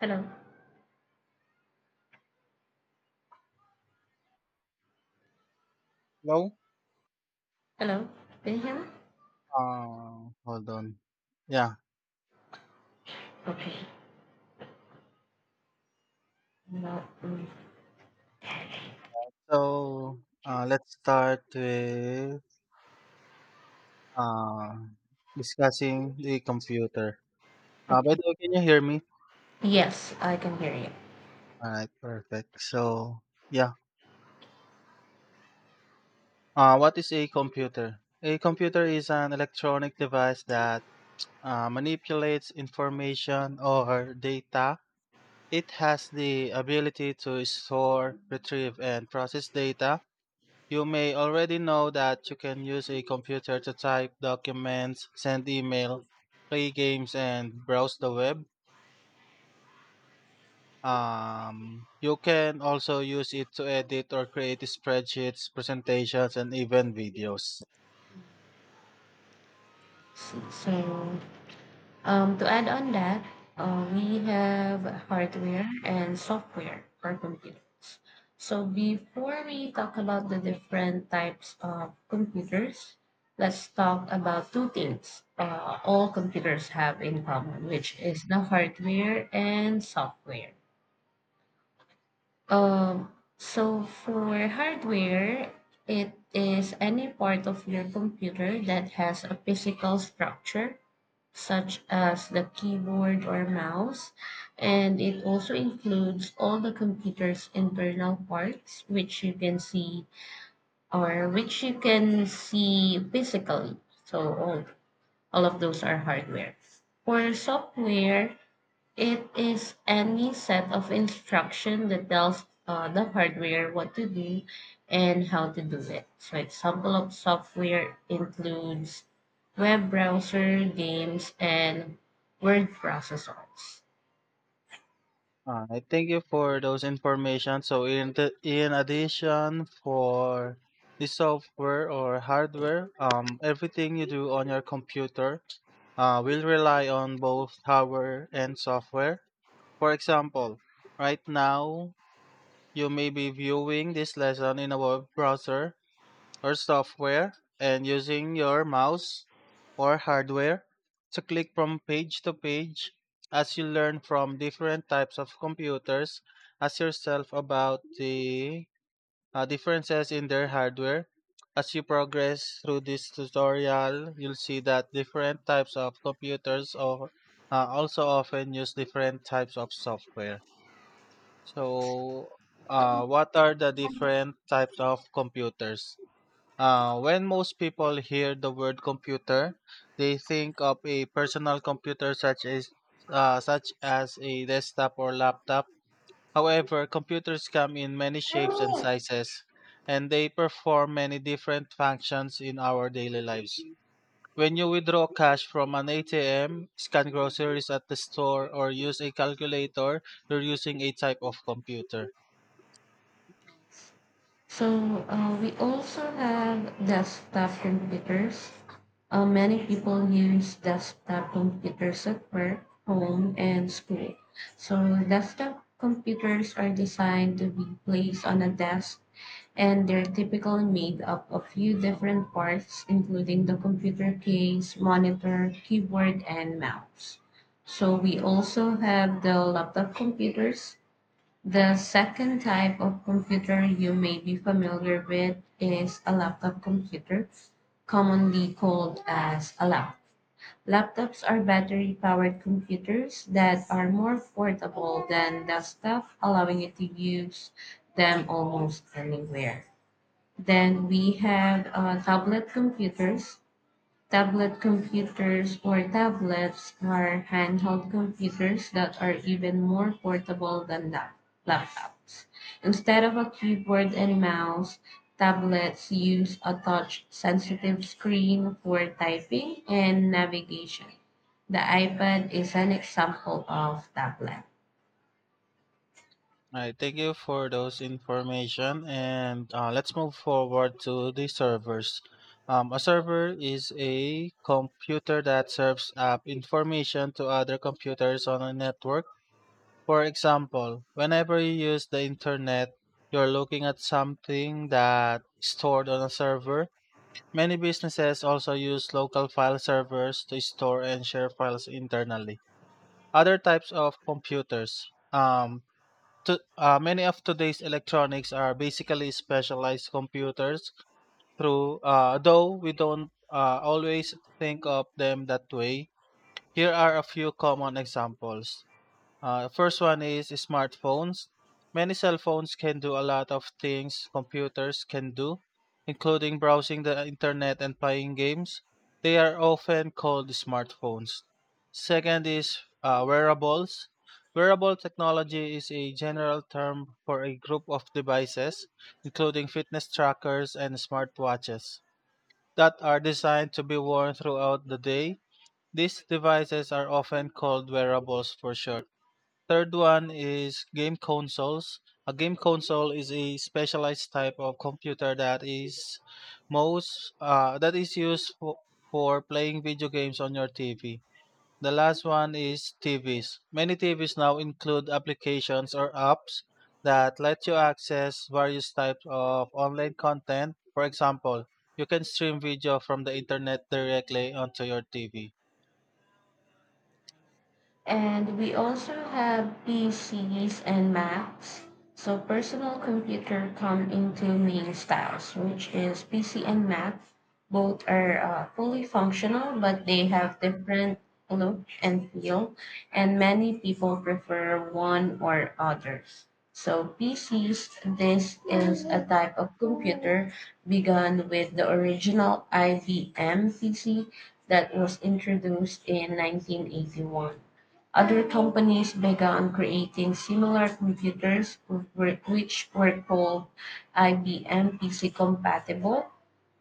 Hello. Hello. Hello. Can you hear me? Hold on. Yeah. Okay. No. So let's start with uh, discussing the computer. By okay. the way, can you hear me? Yes, I can hear you. All right. Perfect. So yeah. What is a computer? A computer is an electronic device that manipulates information or data. It has the ability to store, retrieve, and process data. You may already know that you can use a computer to type documents, send email, play games, and browse the web. You can also use it to edit or create spreadsheets, presentations, and even videos. So, to add on that, we have hardware and software for computers. So, before we talk about the different types of computers, let's talk about two things all computers have in common, which is the hardware and software. Um, so for hardware, it is any part of your computer that has a physical structure, such as the keyboard or mouse, and it also includes all the computer's internal parts, which you can see or which you can see physically. So all of those are hardware. For software, it is any set of instruction that tells the hardware what to do and how to do it. So example of software includes web browser, games, and word processors. Thank you for those information. So, in addition for the software or hardware, everything you do on your computer will rely on both hardware and software. For example, right now, you may be viewing this lesson in a web browser or software and using your mouse or hardware to click from page to page as you learn from different types of computers. Ask yourself about the differences in their hardware. As you progress through this tutorial, you'll see that different types of computers or, also often use different types of software. So what are the different types of computers? When most people hear the word computer, they think of a personal computer such as such as a desktop or laptop. However, computers come in many shapes and sizes, and they perform many different functions in our daily lives. When you withdraw cash from an ATM, scan groceries at the store, or use a calculator, you're using a type of computer. So we also have desktop computers. Many people use desktop computers at work, home, and school. So desktop computers are designed to be placed on a desk and they're typically made up of few different parts, including the computer case, monitor, keyboard, and mouse. So we also have the laptop computers. The second type of computer you may be familiar with is a laptop computer, commonly called as a lap. Laptops are battery powered computers that are more portable than desktop, allowing you to use them almost anywhere. Then we have tablet computers. Tablet computers or tablets are handheld computers that are even more portable than laptops. Instead of a keyboard and mouse, tablets use a touch sensitive screen for typing and navigation. The iPad is an example of tablet. All right, thank you for those information, and let's move forward to the servers. A server is a computer that serves up information to other computers on a network. For example, whenever you use the internet, you're looking at something that is stored on a server. Many businesses also use local file servers to store and share files internally. Other types of computers. Um, Many of today's electronics are basically specialized computers through though we don't always think of them that way. Here are a few common examples. First one is smartphones. Many cell phones can do a lot of things computers can do, including browsing the internet and playing games. They are often called smartphones. Second is wearables. Wearable technology is a general term for a group of devices, including fitness trackers and smartwatches, that are designed to be worn throughout the day. These devices are often called wearables for short. Third one is game consoles. A game console is a specialized type of computer that is most that is used for playing video games on your TV. The last one is TVs. Many TVs now include applications or apps that let you access various types of online content. For example, you can stream video from the internet directly onto your TV. And we also have PCs and Macs. So personal computer come in two main styles, which is PC and Mac. Both are fully functional, but they have different look and feel, and many people prefer one or others. So PCs, this is a type of computer begun with the original IBM PC that was introduced in 1981. Other companies began creating similar computers which were called IBM PC compatible,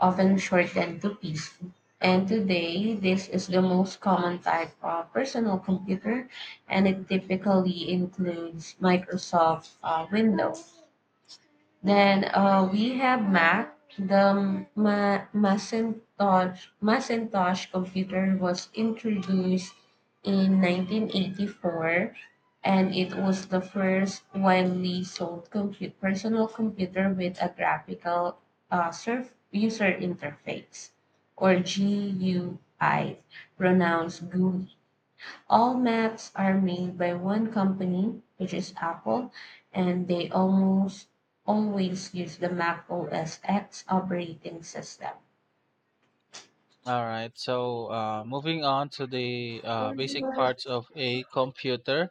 often shortened to PC. And today, this is the most common type of personal computer, and it typically includes Microsoft Windows. Then we have Mac. The Macintosh computer was introduced in 1984 and it was the first widely sold personal computer with a graphical surf user interface or GUI, pronounced GUI. All Macs are made by one company, which is Apple, and they almost always use the Mac OS X operating system. All right. So, moving on to the basic parts of a computer.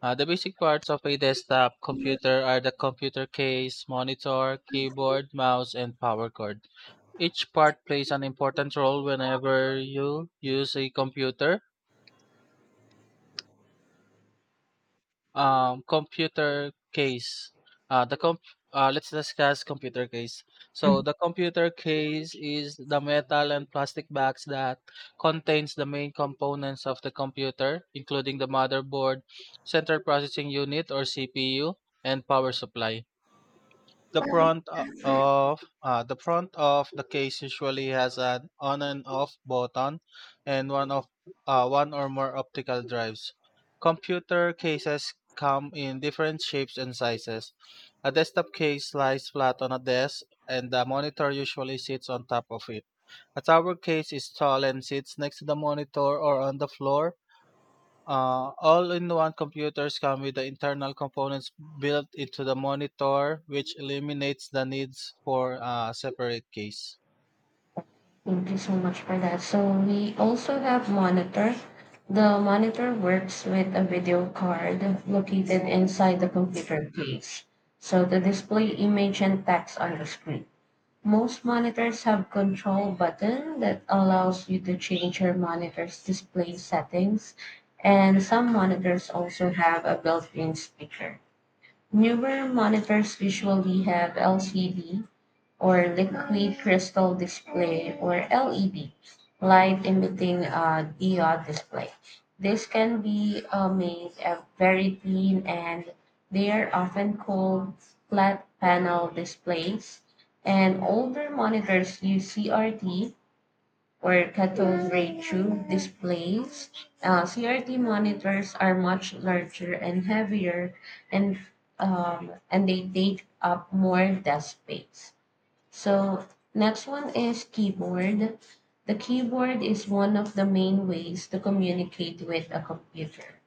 The basic parts of a desktop computer are the computer case, monitor, keyboard, mouse, and power cord. Each part plays an important role whenever you use a computer. Computer case the comp Let's discuss computer case. So the computer case is the metal and plastic box that contains the main components of the computer, including the motherboard, central processing unit or CPU, and power supply. The front of the case usually has an on and off button and one or more optical drives. Computer cases come in different shapes and sizes. A desktop case lies flat on a desk and the monitor usually sits on top of it. A tower case is tall and sits next to the monitor or on the floor. All-in-one computers come with the internal components built into the monitor, which eliminates the needs for a separate case. Thank you so much for that. So we also have monitor. The monitor works with a video card located inside the computer case, so to display image and text on the screen. Most monitors have control button that allows you to change your monitor's display settings, and some monitors also have a built-in speaker. Newer monitors usually have LCD or liquid crystal display or LED light emitting diode display. This can be made very thin and they are often called flat panel displays. And older monitors use CRT or cathode ray tube displays. CRT monitors are much larger and heavier and um, and they take up more desk space. So next one is keyboard. The keyboard is one of the main ways to communicate with a computer.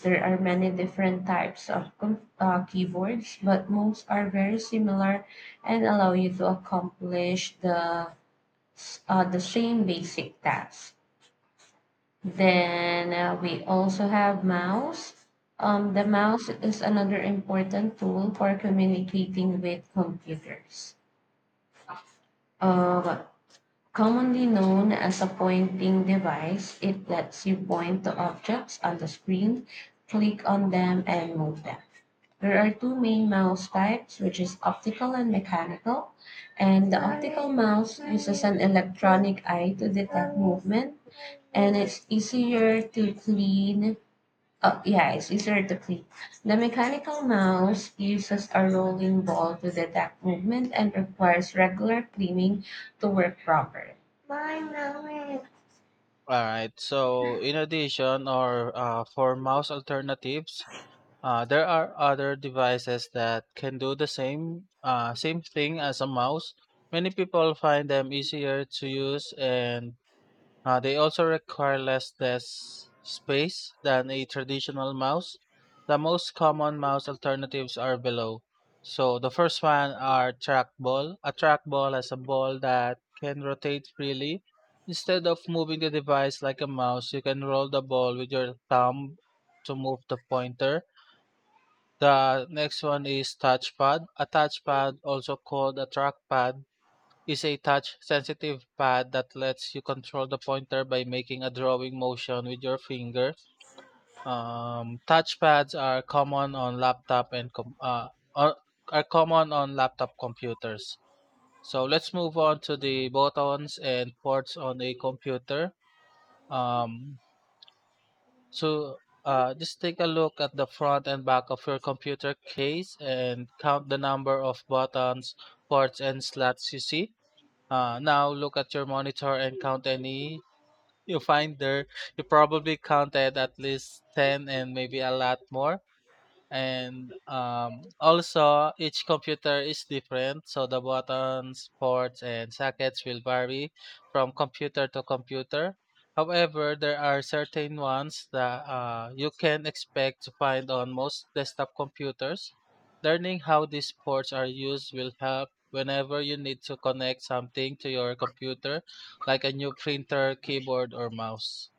There are many different types of keyboards, but most are very similar and allow you to accomplish the the same basic tasks. Then we also have mouse. The mouse is another important tool for communicating with computers. Uh, Commonly known as a pointing device, it lets you point to objects on the screen, click on them, and move them. There are two main mouse types, which is optical and mechanical. And the optical mouse uses an electronic eye to detect movement, and it's easier to clean. Oh, yeah, it's easier to play. The mechanical mouse uses a rolling ball to detect movement and requires regular cleaning to work properly. Bye, Mami. All right. So, in addition, or for mouse alternatives, there are other devices that can do the same thing as a mouse. Many people find them easier to use and they also require less desk space than a traditional mouse. The most common mouse alternatives are below. So the first one are trackball. A trackball has a ball that can rotate freely. Instead of moving the device like a mouse, you can roll the ball with your thumb to move the pointer. The next one is touchpad. A touchpad, also called a trackpad, use a touch-sensitive pad that lets you control the pointer by making a drawing motion with your finger. Touch pads are common on laptop and com- are are common on laptop computers. So let's move on to the buttons and ports on a computer. Um, so just take a look at the front and back of your computer case and count the number of buttons, ports, and slots you see. Now look at your monitor and count any you find there. You probably counted at least 10 and maybe a lot more, and also each computer is different, so the buttons, ports, and sockets will vary from computer to computer. However, there are certain ones that you can expect to find on most desktop computers. Learning how these ports are used will help whenever you need to connect something to your computer, like a new printer, keyboard, or mouse.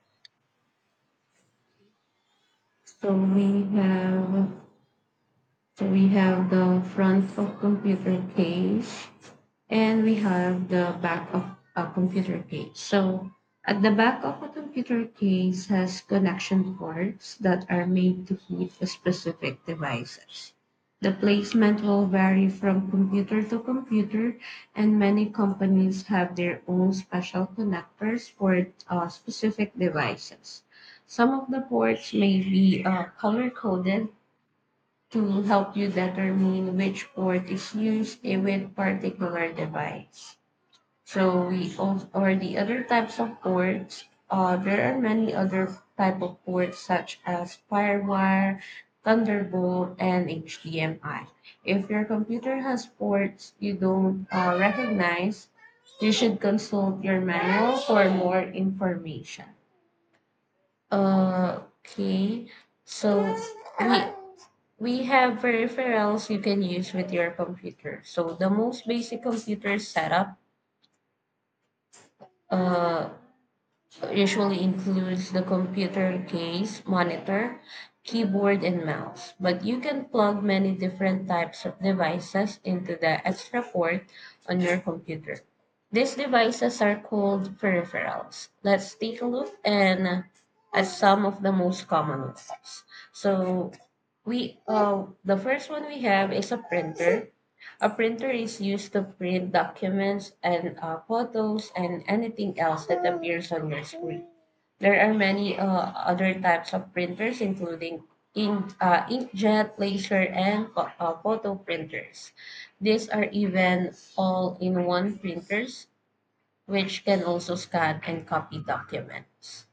So we have so we have the front of computer case, and we have the back of a computer case. So at the back of a computer case has connection ports that are made to feed the specific devices. The placement will vary from computer to computer, and many companies have their own special connectors for specific devices. Some of the ports may be color coded to help you determine which port is used in with particular device. So we also, or the other types of ports, there are many other type of ports such as Firewire, Thunderbolt, and HDMI. If your computer has ports you don't recognize, you should consult your manual for more information. Okay, so we we have peripherals you can use with your computer. So the most basic computer setup uh, usually includes the computer case, monitor, keyboard, and mouse. But you can plug many different types of devices into the extra port on your computer. These devices are called peripherals. Let's take a look and at some of the most common ones. So we the first one we have is a printer. A printer is used to print documents and photos and anything else that appears on your screen. There are many other types of printers, including inkjet, laser, and photo printers. These are even all in one printers, which can also scan and copy documents.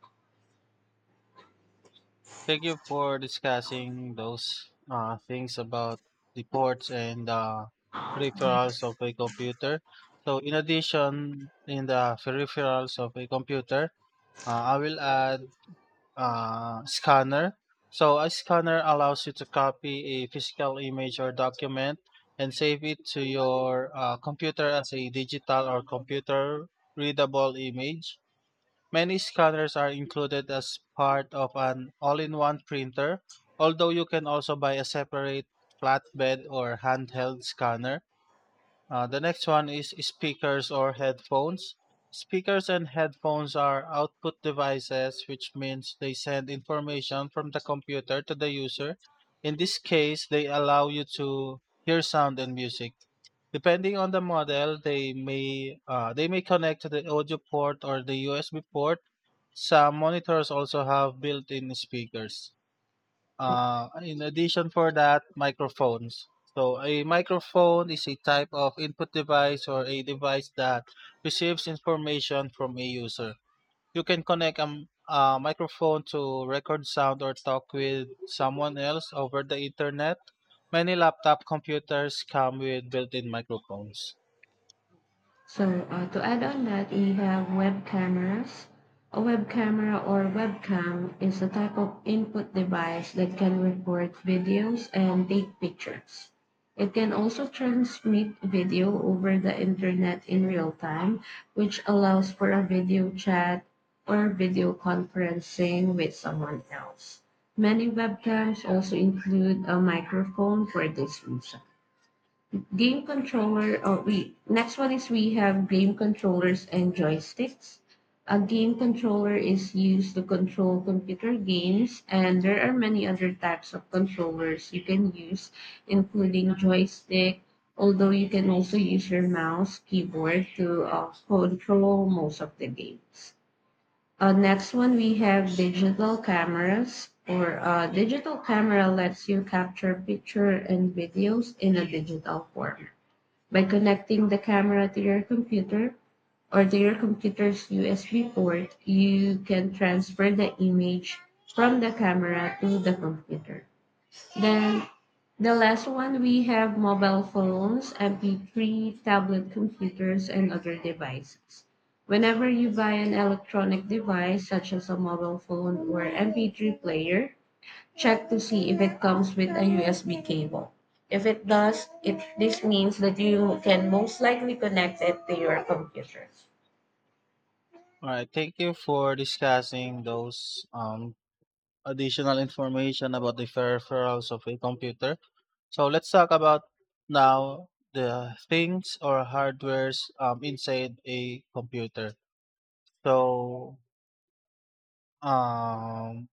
Thank you for discussing those things about the ports and the peripherals of a computer. So, in addition, in the peripherals of a computer, I will add scanner. So, a scanner allows you to copy a physical image or document and save it to your computer as a digital or computer readable image. Many scanners are included as part of an all-in-one printer, although you can also buy a separate flatbed or handheld scanner. The next one is speakers or headphones. Speakers and headphones are output devices, which means they send information from the computer to the user. In this case, they allow you to hear sound and music. Depending on the model, they may connect to the audio port or the USB port. Some monitors also have built-in speakers. In addition for that, microphones. So a microphone is a type of input device or a device that receives information from a user. You can connect a microphone to record sound or talk with someone else over the internet. Many laptop computers come with built-in microphones. So to add on that, we have web cameras. A web camera or webcam is a type of input device that can record videos and take pictures. It can also transmit video over the internet in real time, which allows for a video chat or video conferencing with someone else. Many webcams also include a microphone for this reason. Game controller. Oh, we next one is we have game controllers and joysticks. A game controller is used to control computer games, and there are many other types of controllers you can use, including joystick. Although you can also use your mouse, keyboard to control most of the games. Next one, we have digital cameras. Or Digital camera lets you capture picture and videos in a digital form. By connecting the camera to your computer or to your computer's USB port, you can transfer the image from the camera to the computer. Then the last one we have mobile phones, MP3, tablet computers, and other devices. Whenever you buy an electronic device such as a mobile phone or MP3 player, check to see if it comes with a USB cable. If it does, it this means that you can most likely connect it to your computer. All right, thank you for discussing those additional information about the peripherals of a computer. So let's talk about now the things or hardwares inside a computer. So um,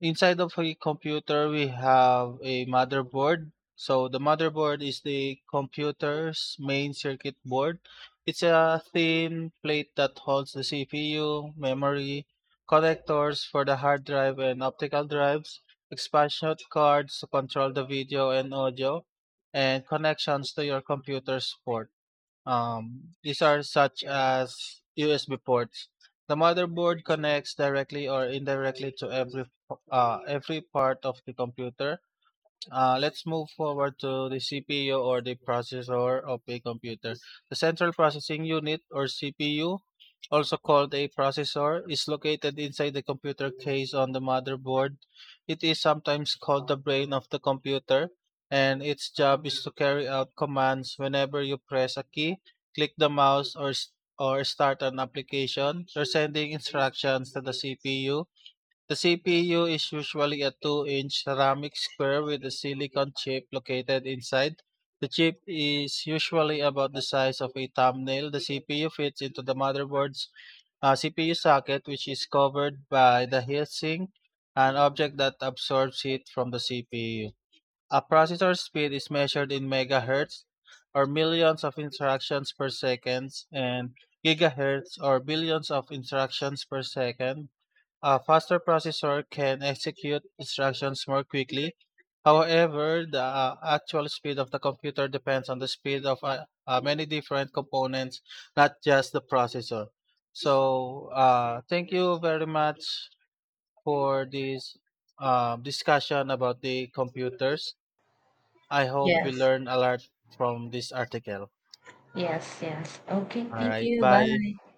Inside of a computer, we have a motherboard. So the motherboard is the computer's main circuit board. It's a thin plate that holds the CPU, memory, connectors for the hard drive and optical drives, expansion cards to control the video and audio, and connections to your computer's port. These are such as USB ports. The motherboard connects directly or indirectly to every part of the computer. Let's move forward to the CPU or the processor of a computer. The central processing unit or CPU, also called a processor, is located inside the computer case on the motherboard. It is sometimes called the brain of the computer, and its job is to carry out commands whenever you press a key, click the mouse, or start an application. You're sending instructions to the CPU. The CPU is usually a 2-inch ceramic square with a silicon chip located inside. The chip is usually about the size of a thumbnail. The CPU fits into the motherboard's CPU socket, which is covered by the heatsink, an object that absorbs heat from the CPU. A processor speed is measured in megahertz or millions of instructions per second and gigahertz or billions of instructions per second. A faster processor can execute instructions more quickly. However, the actual speed of the computer depends on the speed of many different components, not just the processor. So, thank you very much for this discussion about the computers. I hope we Yes. learn a lot from this article. Yes, yes. Okay, All thank right, you. bye. Bye.